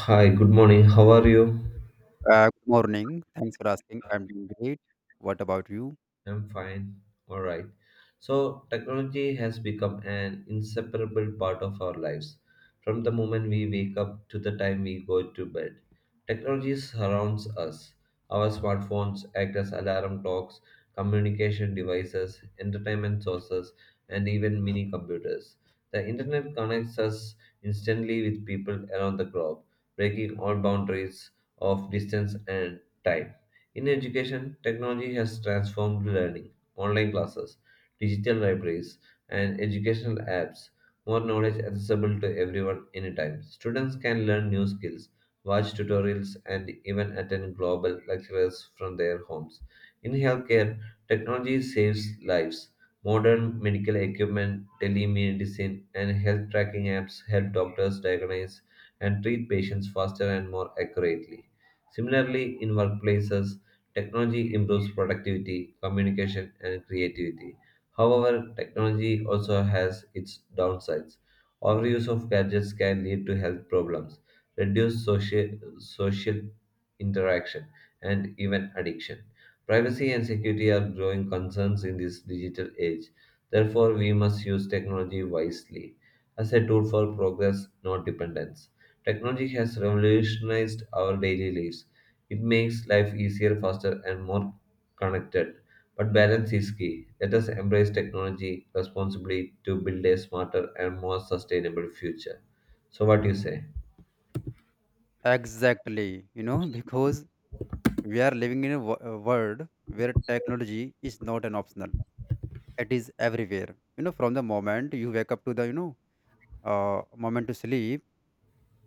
Hi, good morning. How are you? Good morning. Thanks for asking. I'm doing great. What about you? I'm fine. All right. So, technology has become an inseparable part of our lives. From the moment we wake up to the time we go to bed, technology surrounds us. Our smartphones act as alarm clocks, communication devices, entertainment sources, and even mini computers. The internet connects us instantly with people around the globe, breaking all boundaries of distance and time. In education, technology has transformed learning. Online classes, digital libraries, and educational apps more knowledge accessible to everyone anytime. Students can learn new skills, watch tutorials, and even attend global lectures from their homes. In healthcare, technology saves lives. Modern medical equipment, telemedicine, and health tracking apps help doctors diagnose and treat patients faster and more accurately. Similarly, in workplaces, technology improves productivity, communication, and creativity. However, technology also has its downsides. Overuse of gadgets can lead to health problems, reduced social interaction, and even addiction. Privacy and security are growing concerns in this digital age. Therefore, we must use technology wisely as a tool for progress, not dependence. Technology has revolutionized our daily lives. It makes life easier, faster, and more connected. But balance is key. Let us embrace technology responsibly to build a smarter and more sustainable future. So, what do you say? Exactly. Because we are living in a a world where technology is not an optional. It is everywhere. From the moment you wake up to the moment to sleep,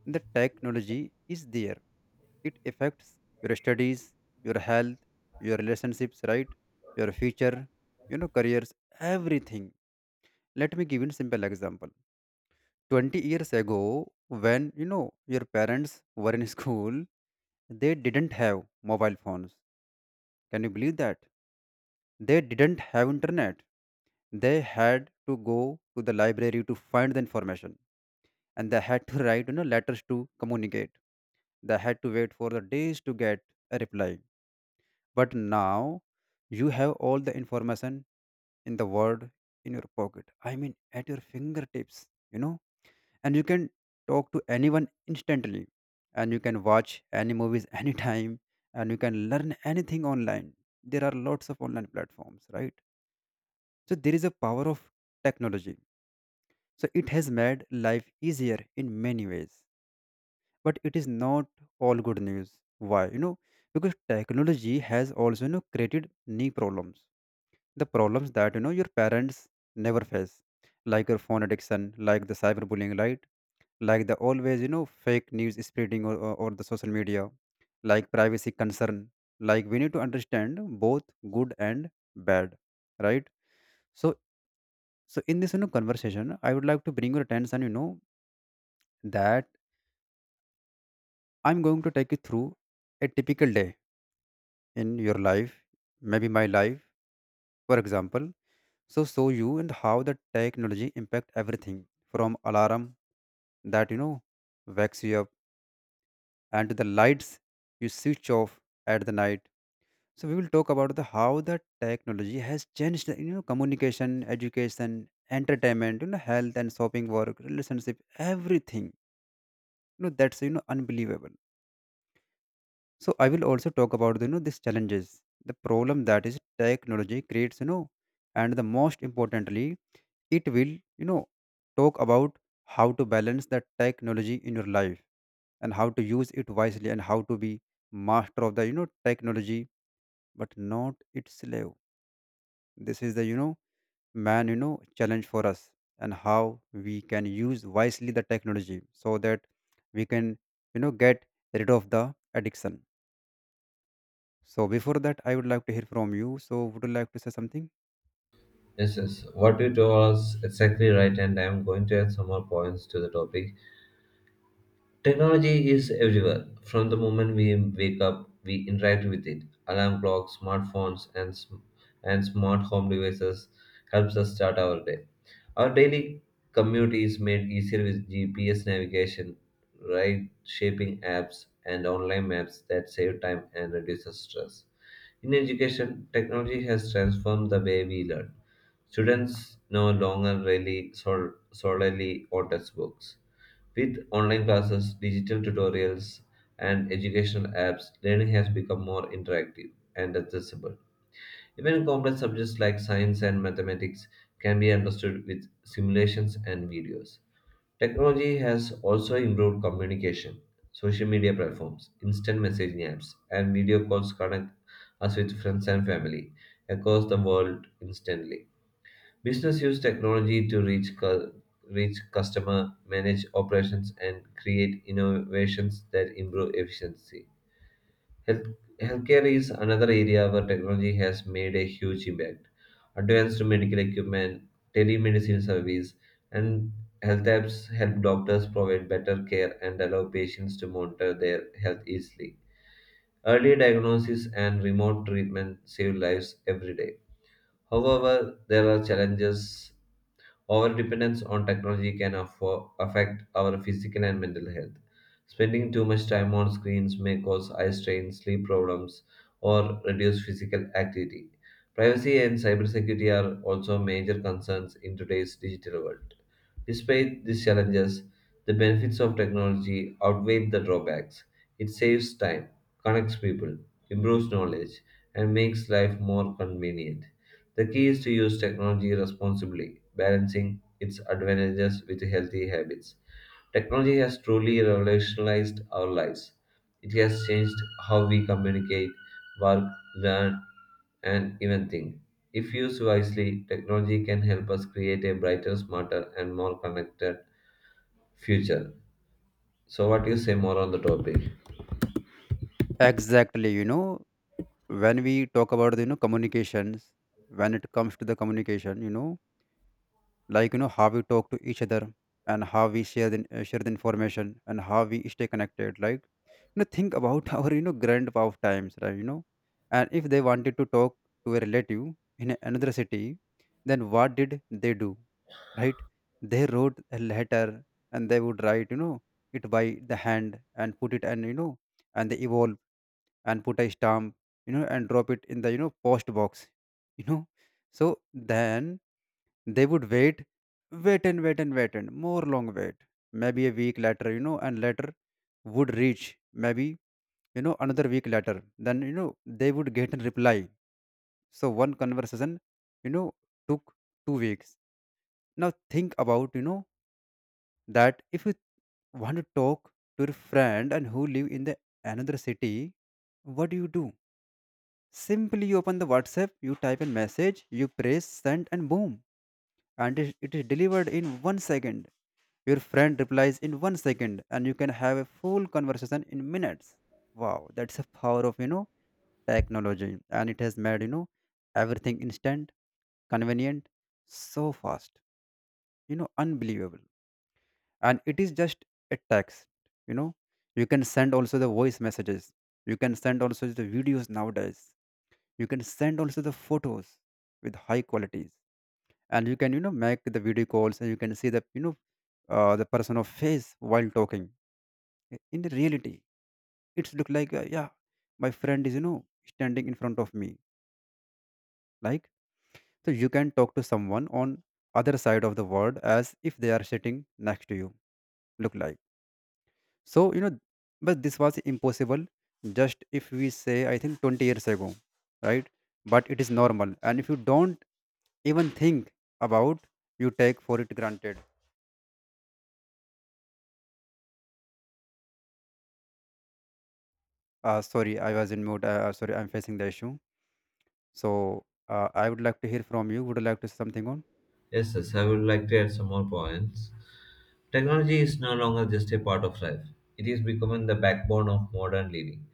the technology is there. It affects your studies, your health, your relationships, right? Your future, careers, everything. Let me give you a simple example 20 years ago when your parents were in school, they didn't have mobile phones. Can you believe that? They didn't have internet. They had to go to the library to find the information, and they had to write letters to communicate. They had to wait for the days to get a reply. But now you have all the information in the world in your pocket. I mean, at your fingertips you know and you can talk to anyone instantly, and you can watch any movies anytime, and you can learn anything online. There are lots of online platforms, right? So there is a power of technology. So it has made life easier in many ways. But it is not all good news. Why? Because technology has also created new problems, the problems that your parents never face. Like your phone addiction, like the cyberbullying, right? Like the always fake news spreading, or the social media, like privacy concern. Like we need to understand both good and bad, right? So so in this conversation, I would like to bring your attention, that I'm going to take you through a typical day in your life, maybe my life, for example. So show you and how the technology impact everything, from alarm that wakes you up and to the lights you switch off at the night. So we will talk about the how the technology has changed the communication, education, entertainment, health and shopping, work, relationship, everything. That's unbelievable. So I will also talk about these challenges, the problem that is technology creates, and the most importantly, it will talk about how to balance the technology in your life, and how to use it wisely, and how to be master of the technology but not its slave. This is the, man, challenge for us, and how we can use wisely the technology so that we can, get rid of the addiction. So before that, I would like to hear from you. So would you like to say something? Yes, yes. What you told us exactly right, and I'm going to add some more points to the topic. Technology is everywhere. From the moment we wake up, we interact with it. Alarm clocks, smartphones, and and smart home devices helps us start our day. Our daily commute is made easier with GPS navigation, ride shaping apps, and online maps that save time and reduces stress. In education, technology has transformed the way we learn. Students no longer rely sol- solely on textbooks. With online classes, digital tutorials, and educational apps, learning has become more interactive and accessible. Even complex subjects like science and mathematics can be understood with simulations and videos. Technology has also improved communication. Social media platforms, instant messaging apps, and video calls connect us with friends and family across the world instantly. Business use technology to reach customer, manage operations, and create innovations that improve efficiency. Health, Healthcare is another area where technology has made a huge impact. Advanced medical equipment, telemedicine service, and health apps help doctors provide better care and allow patients to monitor their health easily. Early diagnosis and remote treatment save lives every day. However, there are challenges. Over dependence on technology can affect our physical and mental health. Spending too much time on screens may cause eye strain, sleep problems, or reduce physical activity. Privacy and cybersecurity are also major concerns in today's digital world. Despite these challenges, the benefits of technology outweigh the drawbacks. It saves time, connects people, improves knowledge, and makes life more convenient. The key is to use technology responsibly, balancing its advantages with healthy habits. Technology has truly revolutionized our lives. It has changed how we communicate, work, learn, and even think. If used wisely, technology can help us create a brighter, smarter, and more connected future. So, what do you say more on the topic? Exactly. When we talk about the communications, when it comes to the communication, like how we talk to each other, and how we share the information, and how we stay connected, like think about our grandpa of times, right? And if they wanted to talk to a relative in another city, then what did they do, right? They wrote a letter, and they would write it by the hand and put it, and and they evolve and put a stamp, and drop it in the post box you know so then they would wait, wait and wait and wait and more long wait. Maybe a week later, and later would reach, maybe another week later. Then they would get a reply. So one conversation, you know, took 2 weeks. Now think about that if you want to talk to your friend, and who live in the another city, what do you do? Simply you open the WhatsApp, you type a message, you press send, and boom, and it is delivered in 1 second. Your friend replies in 1 second, and you can have a full conversation in minutes. Wow, that's the power of technology, and it has made everything instant, convenient, so fast, unbelievable. And it is just a text, you know. You can send also the voice messages. You can send also the videos nowadays. You can send also the photos with high qualities, and you can make the video calls, and you can see the you know the person of face while talking. In the reality it's look like, yeah, my friend is standing in front of me, like. So you can talk to someone on other side of the world as if they are sitting next to you, look like. So but this was impossible, just if we say I think 20 years ago, right? But it is normal, and if you don't even think about, you take for it granted. Sorry, I was in mood. Sorry, I'm facing the issue. So I would like to hear from you. Would you like to say something on? Yes, yes, I would like to add some more points. Technology is no longer just a part of life, it is becoming the backbone of modern living.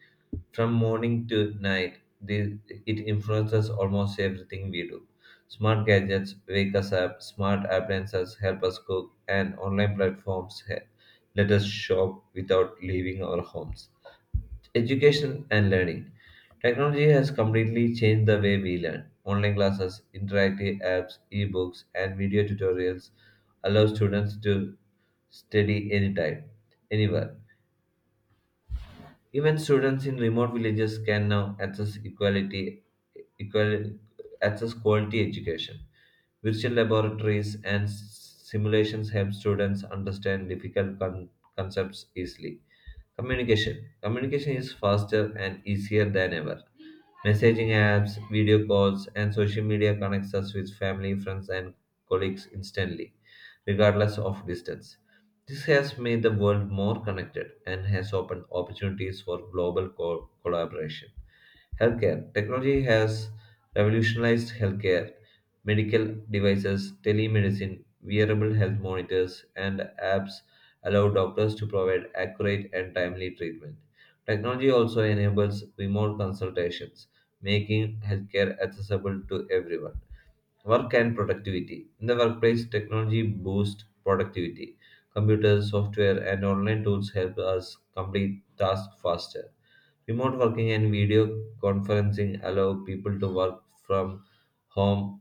From morning to night, it influences almost everything we do. Smart gadgets wake us up, smart appliances help us cook, and online platforms let us shop without leaving our homes. Education and learning. Technology has completely changed the way we learn. Online classes, interactive apps, ebooks, and video tutorials allow students to study anytime, anywhere. Even students in remote villages can now access equal, quality education. Virtual laboratories and simulations help students understand difficult concepts easily. Communication. Communication is faster and easier than ever. Messaging apps, video calls, and social media connects us with family, friends, and colleagues instantly, regardless of distance. This has made the world more connected and has opened opportunities for global collaboration. Healthcare. Technology has revolutionized healthcare. Medical devices, telemedicine, wearable health monitors, and apps allow doctors to provide accurate and timely treatment. Technology also enables remote consultations, making healthcare accessible to everyone. Work and productivity. In the workplace, technology boosts productivity. Computers, software, and online tools help us complete tasks faster. Remote working and video conferencing allow people to work from home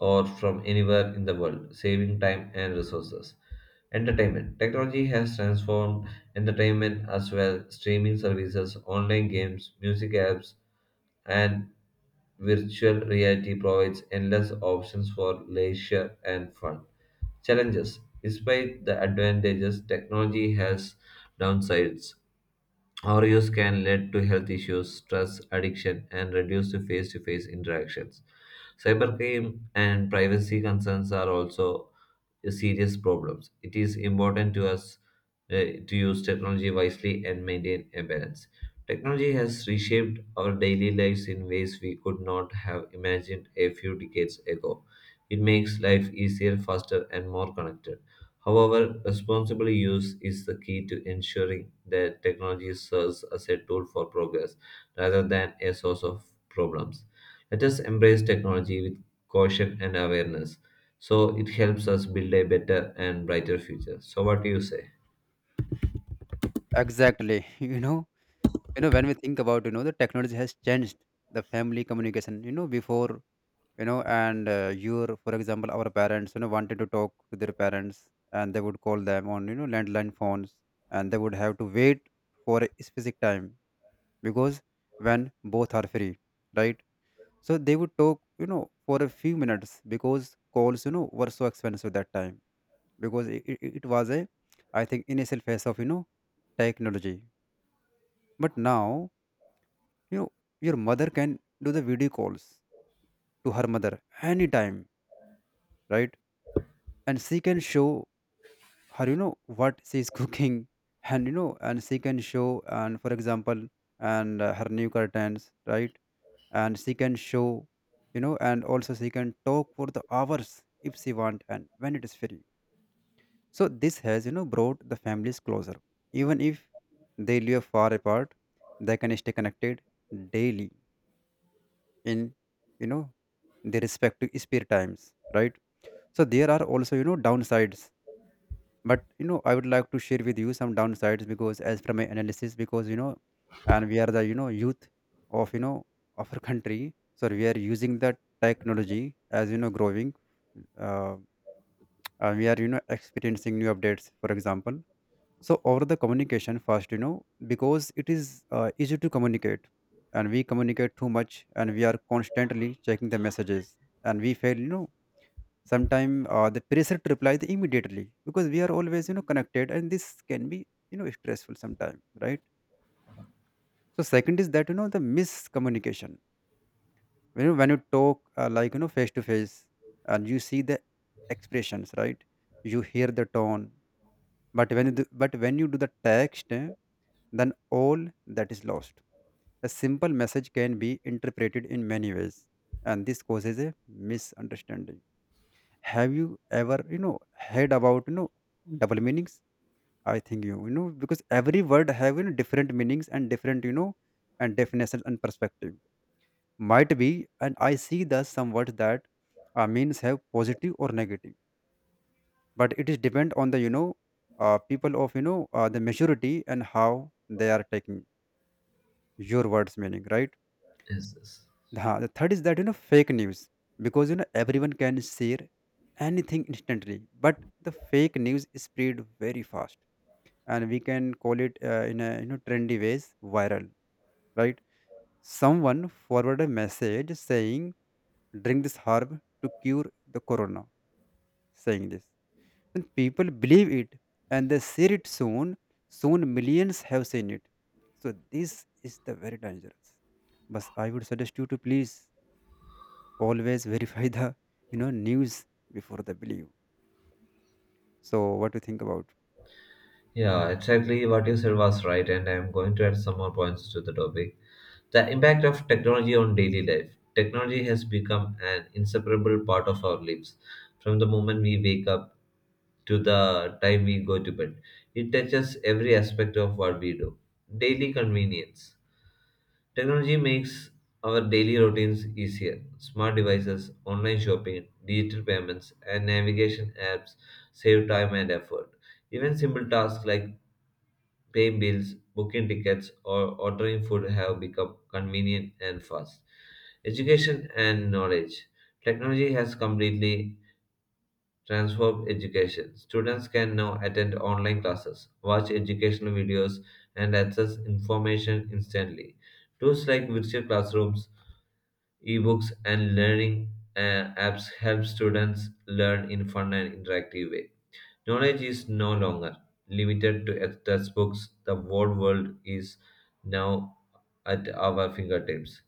or from anywhere in the world, saving time and resources. Entertainment. Technology has transformed entertainment as well. Streaming services, online games, music apps, and virtual reality provides endless options for leisure and fun. Challenges. Despite the advantages, technology has downsides. Overuse can lead to health issues, stress, addiction, and reduced face to face interactions. Cybercrime and privacy concerns are also serious problems. It is important to us to use technology wisely and maintain a balance. Technology has reshaped our daily lives in ways we could not have imagined a few decades ago. It makes life easier, faster, and more connected. However, responsible use is the key to ensuring that technology serves as a tool for progress rather than a source of problems. Let us embrace technology with caution and awareness so it helps us build a better and brighter future. So, what do you say? Exactly. When we think about, the technology has changed the family communication, before, and for example, our parents, wanted to talk to their parents, and they would call them on, landline phones, and they would have to wait for a specific time, because when both are free, right? So they would talk, for a few minutes, because calls, were so expensive that time, because it was a, I think, initial phase of, technology. But now, you know your mother can do the video calls to her mother anytime, right? And she can show her what she is cooking, and and she can show, and for example, and her new curtains, right? And she can show, and also she can talk for the hours if she want and when it is free. So this has brought the families closer. Even if they live far apart, they can stay connected daily in you know their respective spare times, right? So there are also downsides, but I would like to share with you some downsides, because as from my analysis, because and we are the youth of of our country. So we are using the technology as growing, uh, and we are experiencing new updates, for example. So over the communication first, because it is easy to communicate, and we communicate too much, and we are constantly checking the messages, and we fail sometimes the pressure to reply the immediately, because we are always connected, and this can be stressful sometimes, right? So second is that the miscommunication. When you talk, like face to face, and you see the expressions, right? You hear the tone, but when you do the text, then all that is lost. A simple message can be interpreted in many ways, and this causes a misunderstanding. Have you ever heard about double meanings? I think because every word have, different meanings and different, and definitions and perspective. Might be, and I see that some words that means have positive or negative, but it is depend on the people of the majority, and how they are taking your words meaning, right? Yes, yes. The third is that fake news, because everyone can share anything instantly, but the fake news is spread very fast, and we can call it, in a trendy ways, viral, right? Someone forwarded a message saying drink this herb to cure the corona, saying this, and people believe it and they share it soon. Soon millions have seen it, so this is the very dangerous. But I would suggest you to please always verify the, news before they believe. So what do you think about? Yeah, exactly what you said was right, and I'm going to add some more points to the topic. The impact of technology on daily life. Technology has become an inseparable part of our lives. From the moment we wake up to the time we go to bed, it touches every aspect of what we do. Daily convenience. Technology makes our daily routines easier. Smart devices, online shopping, digital payments, and navigation apps save time and effort. Even simple tasks like paying bills, booking tickets, or ordering food have become convenient and fast. Education and knowledge. Technology has completely transformed education. Students can now attend online classes, watch educational videos, and access information instantly. Tools like virtual classrooms, ebooks, and learning apps help students learn in fun and interactive way. Knowledge is no longer limited to textbooks, the whole world is now at our fingertips.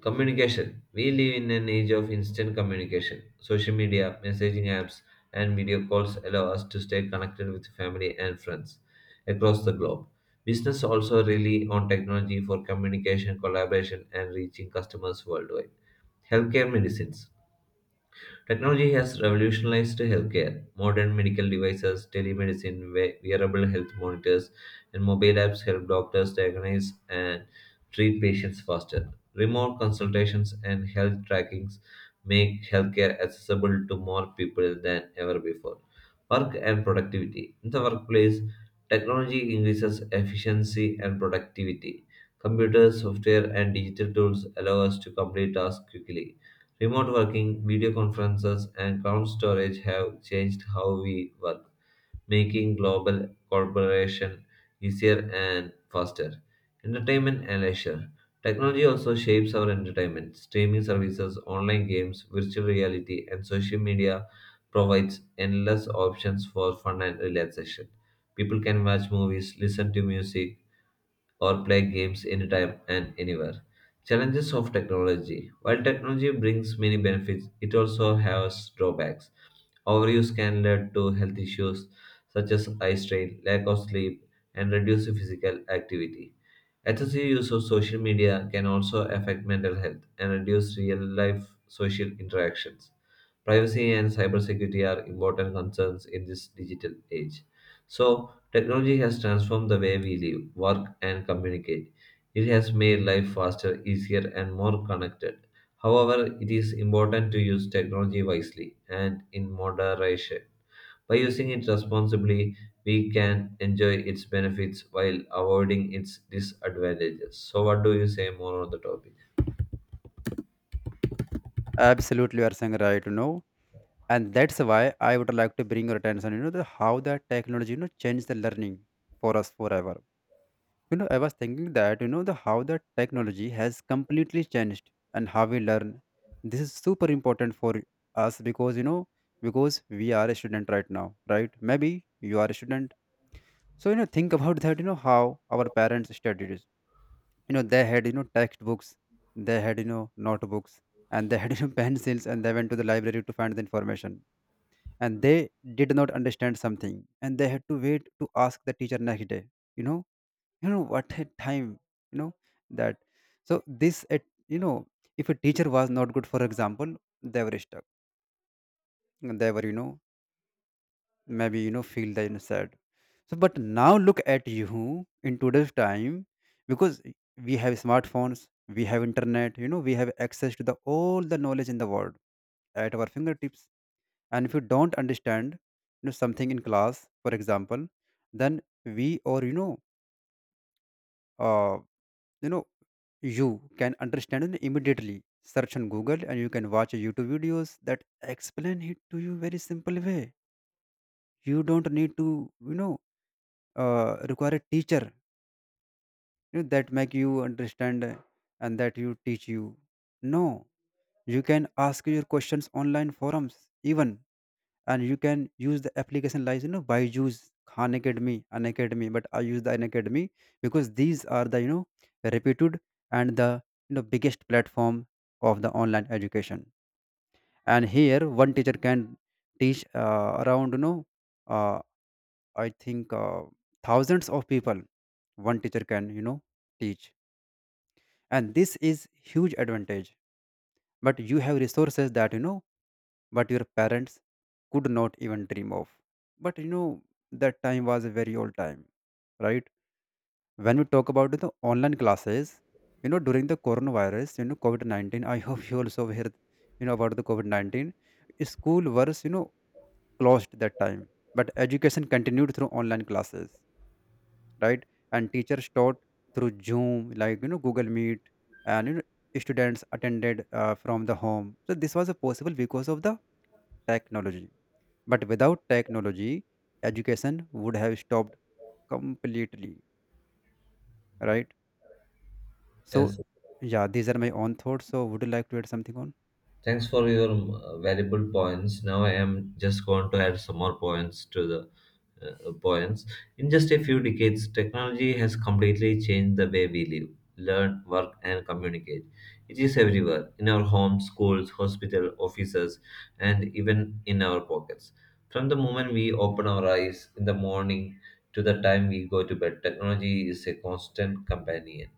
Communication. We live in an age of instant communication. Social media, messaging apps, and video calls allow us to stay connected with family and friends across the globe. Business also rely on technology for communication, collaboration, and reaching customers worldwide. Healthcare medicines. Technology has revolutionized healthcare. Modern medical devices, telemedicine, wearable health monitors, and mobile apps help doctors diagnose and treat patients faster. Remote consultations and health trackings make healthcare accessible to more people than ever before. Work and productivity. In the workplace, technology increases efficiency and productivity. Computers, software, and digital tools allow us to complete tasks quickly. Remote working, video conferences, and cloud storage have changed how we work, making global collaboration easier and faster. Entertainment and leisure. Technology also shapes our entertainment. Streaming services, online games, virtual reality, and social media provides endless options for fun and relaxation. People can watch movies, listen to music, or play games anytime and anywhere. Challenges of technology. While technology brings many benefits, it also has drawbacks. Overuse can lead to health issues such as eye strain, lack of sleep, and reduced physical activity. Excessive use of social media can also affect mental health and reduce real life social interactions. Privacy and cybersecurity are important concerns in this digital age. So, technology has transformed the way we live, work, and communicate. It has made life faster, easier, and more connected. However, it is important to use technology wisely and in moderation. By using it responsibly, we can enjoy its benefits while avoiding its disadvantages. So, what do you say more on the topic? Absolutely, you are saying right. And that's why I would like to bring your attention, the how the technology, changed the learning for us forever. I was thinking that, the how the technology has completely changed and how we learn. This is super important for us, because we are a student right now, right? Maybe you are a student. So, think about that, how our parents studied. You know they had textbooks, they had notebooks, and they had pencils, and they went to the library to find the information. And they did not understand something, and they had to wait to ask the teacher next day. you know what a time. You know that so this at you know If a teacher was not good, for example, they were stuck. And they were maybe feel that you sad. So but now look at you in today's time, because we have smartphones, we have internet. We have access to the all the knowledge in the world at our fingertips. And if you don't understand something in class, for example, then we or uh, you know you can understand it immediately, search on Google, and you can watch YouTube videos that explain it to you very simple way. You don't need to require a teacher, that make you understand, and that you teach you. No. You can ask your questions online forums even. And you can use the application like Byju's, Khan Academy, an academy. But I use the an academy because these are the reputed and the biggest platform of the online education. And here one teacher can teach, around, you know uh, I think thousands of people. One teacher can teach. And this is huge advantage, but you have resources that, but your parents could not even dream of. But that time was a very old time, right? When we talk about the online classes, during the coronavirus, COVID-19, I hope you also heard about the COVID-19. School was closed that time, but education continued through online classes, right? And teachers taught through Zoom, like Google Meet. And students attended from the home. So this was possible because of the technology. But without technology, education would have stopped completely, right? So Yes, yeah, these are my own thoughts. So would you like to add something on? thanks for your valuable points. Now, I am just going to add some more points to the poems. In just a few decades, technology has completely changed the way we live, learn, work, and communicate. It is everywhere in our homes, schools, hospitals, offices, and even in our pockets. From the moment we open our eyes in the morning to the time we go to bed, technology is a constant companion.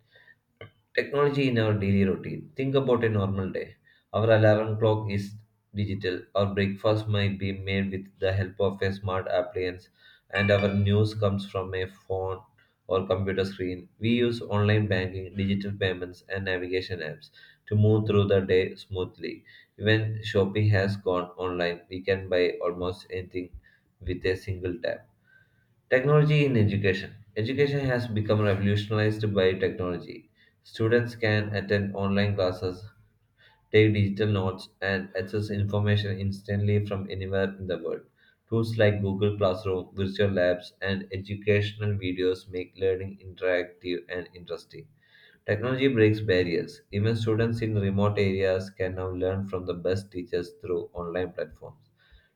Technology in our daily routine. Think about a normal day. Our alarm clock is digital. Our breakfast might be made with the help of a smart appliance, and our news comes from a phone or computer screen. We use online banking, digital payments, and navigation apps to move through the day smoothly. Even Shopee has gone online. We can buy almost anything with a single tap. Technology in education. Education has become revolutionized by technology. Students can attend online classes, take digital notes, and access information instantly from anywhere in the world. Tools like Google Classroom, virtual labs, and educational videos make learning interactive and interesting. Technology breaks barriers. Even students in remote areas can now learn from the best teachers through online platforms.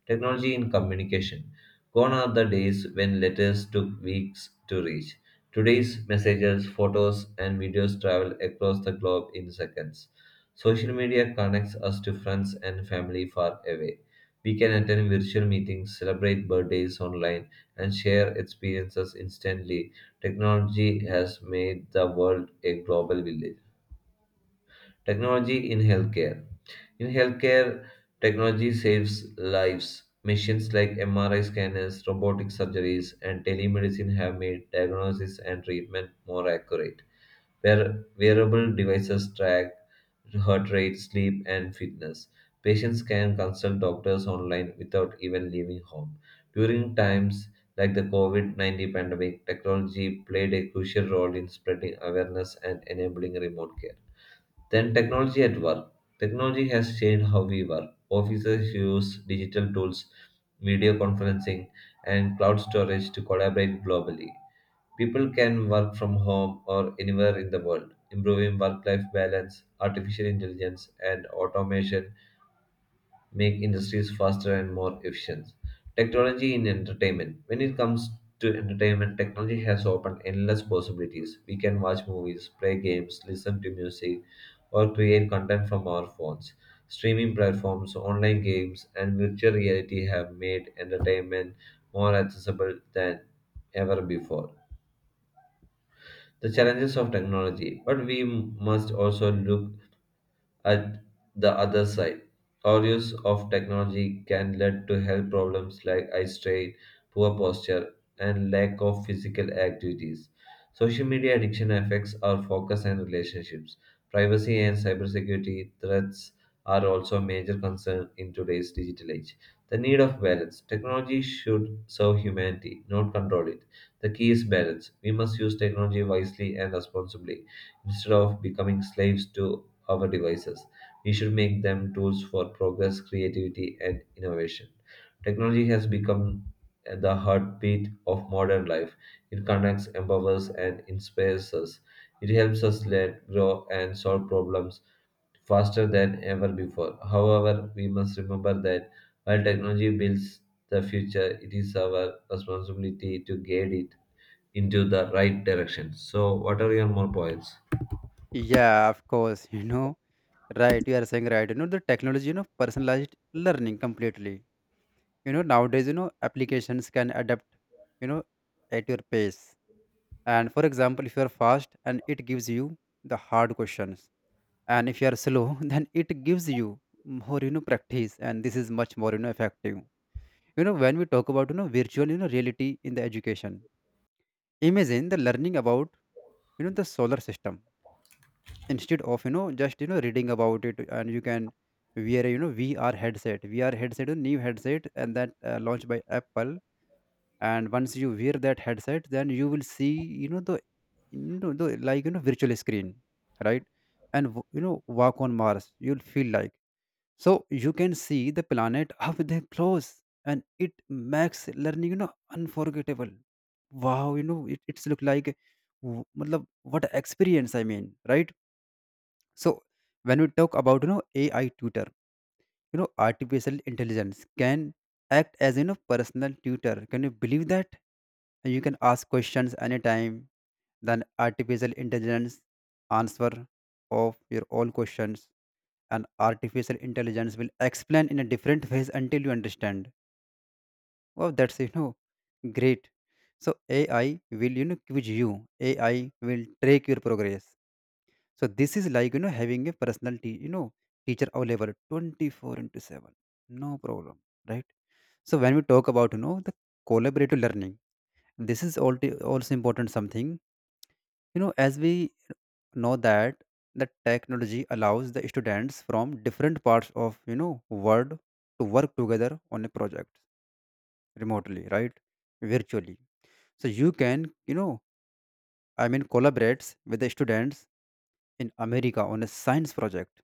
Technology in communication. Gone are the days when letters took weeks to reach. Today's messages, photos, and videos travel across the globe in seconds. Social media connects us to friends and family far away. We can attend virtual meetings, celebrate birthdays online, and share experiences instantly. Technology has made the world a global village. Technology in healthcare. In healthcare, technology saves lives. Machines like MRI scanners, robotic surgeries, and telemedicine have made diagnosis and treatment more accurate. Wearable devices track heart rate, sleep, and fitness. Patients can consult doctors online without even leaving home. During times like the COVID-19 pandemic, technology played a crucial role in spreading awareness and enabling remote care. Then technology at work. Technology has changed how we work. Offices use digital tools, video conferencing, and cloud storage to collaborate globally. People can work from home or anywhere in the world. Improving work life balance, artificial intelligence, and automation make industries faster and more efficient. Technology in entertainment. When it comes to entertainment, technology has opened endless possibilities. We can watch movies, play games, listen to music, or create content from our phones. Streaming platforms, online games, and virtual reality have made entertainment more accessible than ever before. The challenges of technology, but we must also look at the other side, our use of technology can lead to health problems like eye strain, poor posture, and lack of physical activities. Social media addiction affects our focus and relationships. Privacy and cybersecurity threats are also a major concern in today's digital age. The need of balance. Technology should serve humanity, not control it. The key is balance. We must use technology wisely and responsibly instead of becoming slaves to our devices. We should make them tools for progress, creativity, and innovation. Technology has become the heartbeat of modern life. It connects, empowers, and inspires us. It helps us learn, grow, and solve problems faster than ever before. However, we must remember that while technology builds the future, it is our responsibility to guide it into the right direction. So, what are your more points? Yeah, of course, right, you are saying right. The technology, personalized learning completely. Nowadays, applications can adapt you know at your pace. And for example, if you are fast and it gives you the hard questions, and if you are slow, then it gives you more practice, and this is much more effective. When we talk about virtual reality in the education, imagine the learning about the solar system instead of just reading about it, and you can wear a, VR headset, VR headset, a new headset, and that launched by Apple. And once you wear that headset, then you will see the like virtual screen, right? And walk on Mars, you'll feel like. So you can see the planet up there close, and it makes learning unforgettable. Wow, it's look like matlab, what a experience, I mean, right? So when we talk about AI tutor, artificial intelligence can act as personal tutor. Can you believe that? You can ask questions anytime. Then artificial intelligence answer of your all questions, and artificial intelligence will explain in a different ways until you understand. Wow, that's great. So AI will quiz you. AI will track your progress. So this is like having a personal teacher available 24 into 7. No problem, right? So when we talk about the collaborative learning, this is also important something. As we know that the technology allows the students from different parts of world to work together on a project remotely, right, virtually. So you can, I mean collaborates with the students in America on a science project.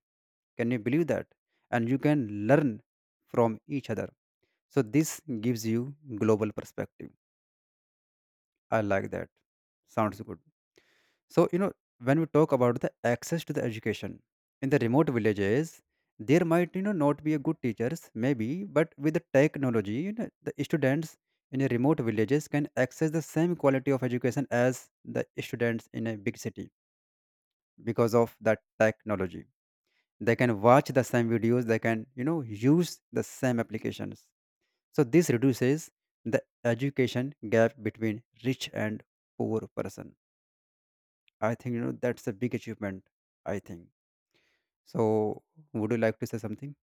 Can you believe that? And you can learn from each other. So this gives you global perspective. I like that. Sounds good. So, when we talk about the access to the education in the remote villages, there might, not be a good teachers, maybe, but with the technology, the students in a remote villages can access the same quality of education as the students in a big city because of that technology. They can watch the same videos, they can, use the same applications. So this reduces the education gap between rich and poor person. I think that's a big achievement. I think so. Would you like to say something?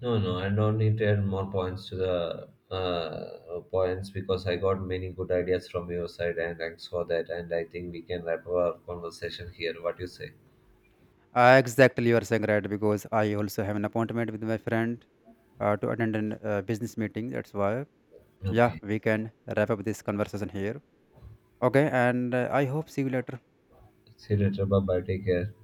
No, no, I don't need to add more points to the points because I got many good ideas from your side, and thanks for that. And I think we can wrap our conversation here. What do you say? Exactly, you are saying right, because I also have an appointment with my friend to attend a business meeting. That's why yeah, Okay. we can wrap up this conversation here. Okay, and I hope see you later. See you later. Bye bye. Take care.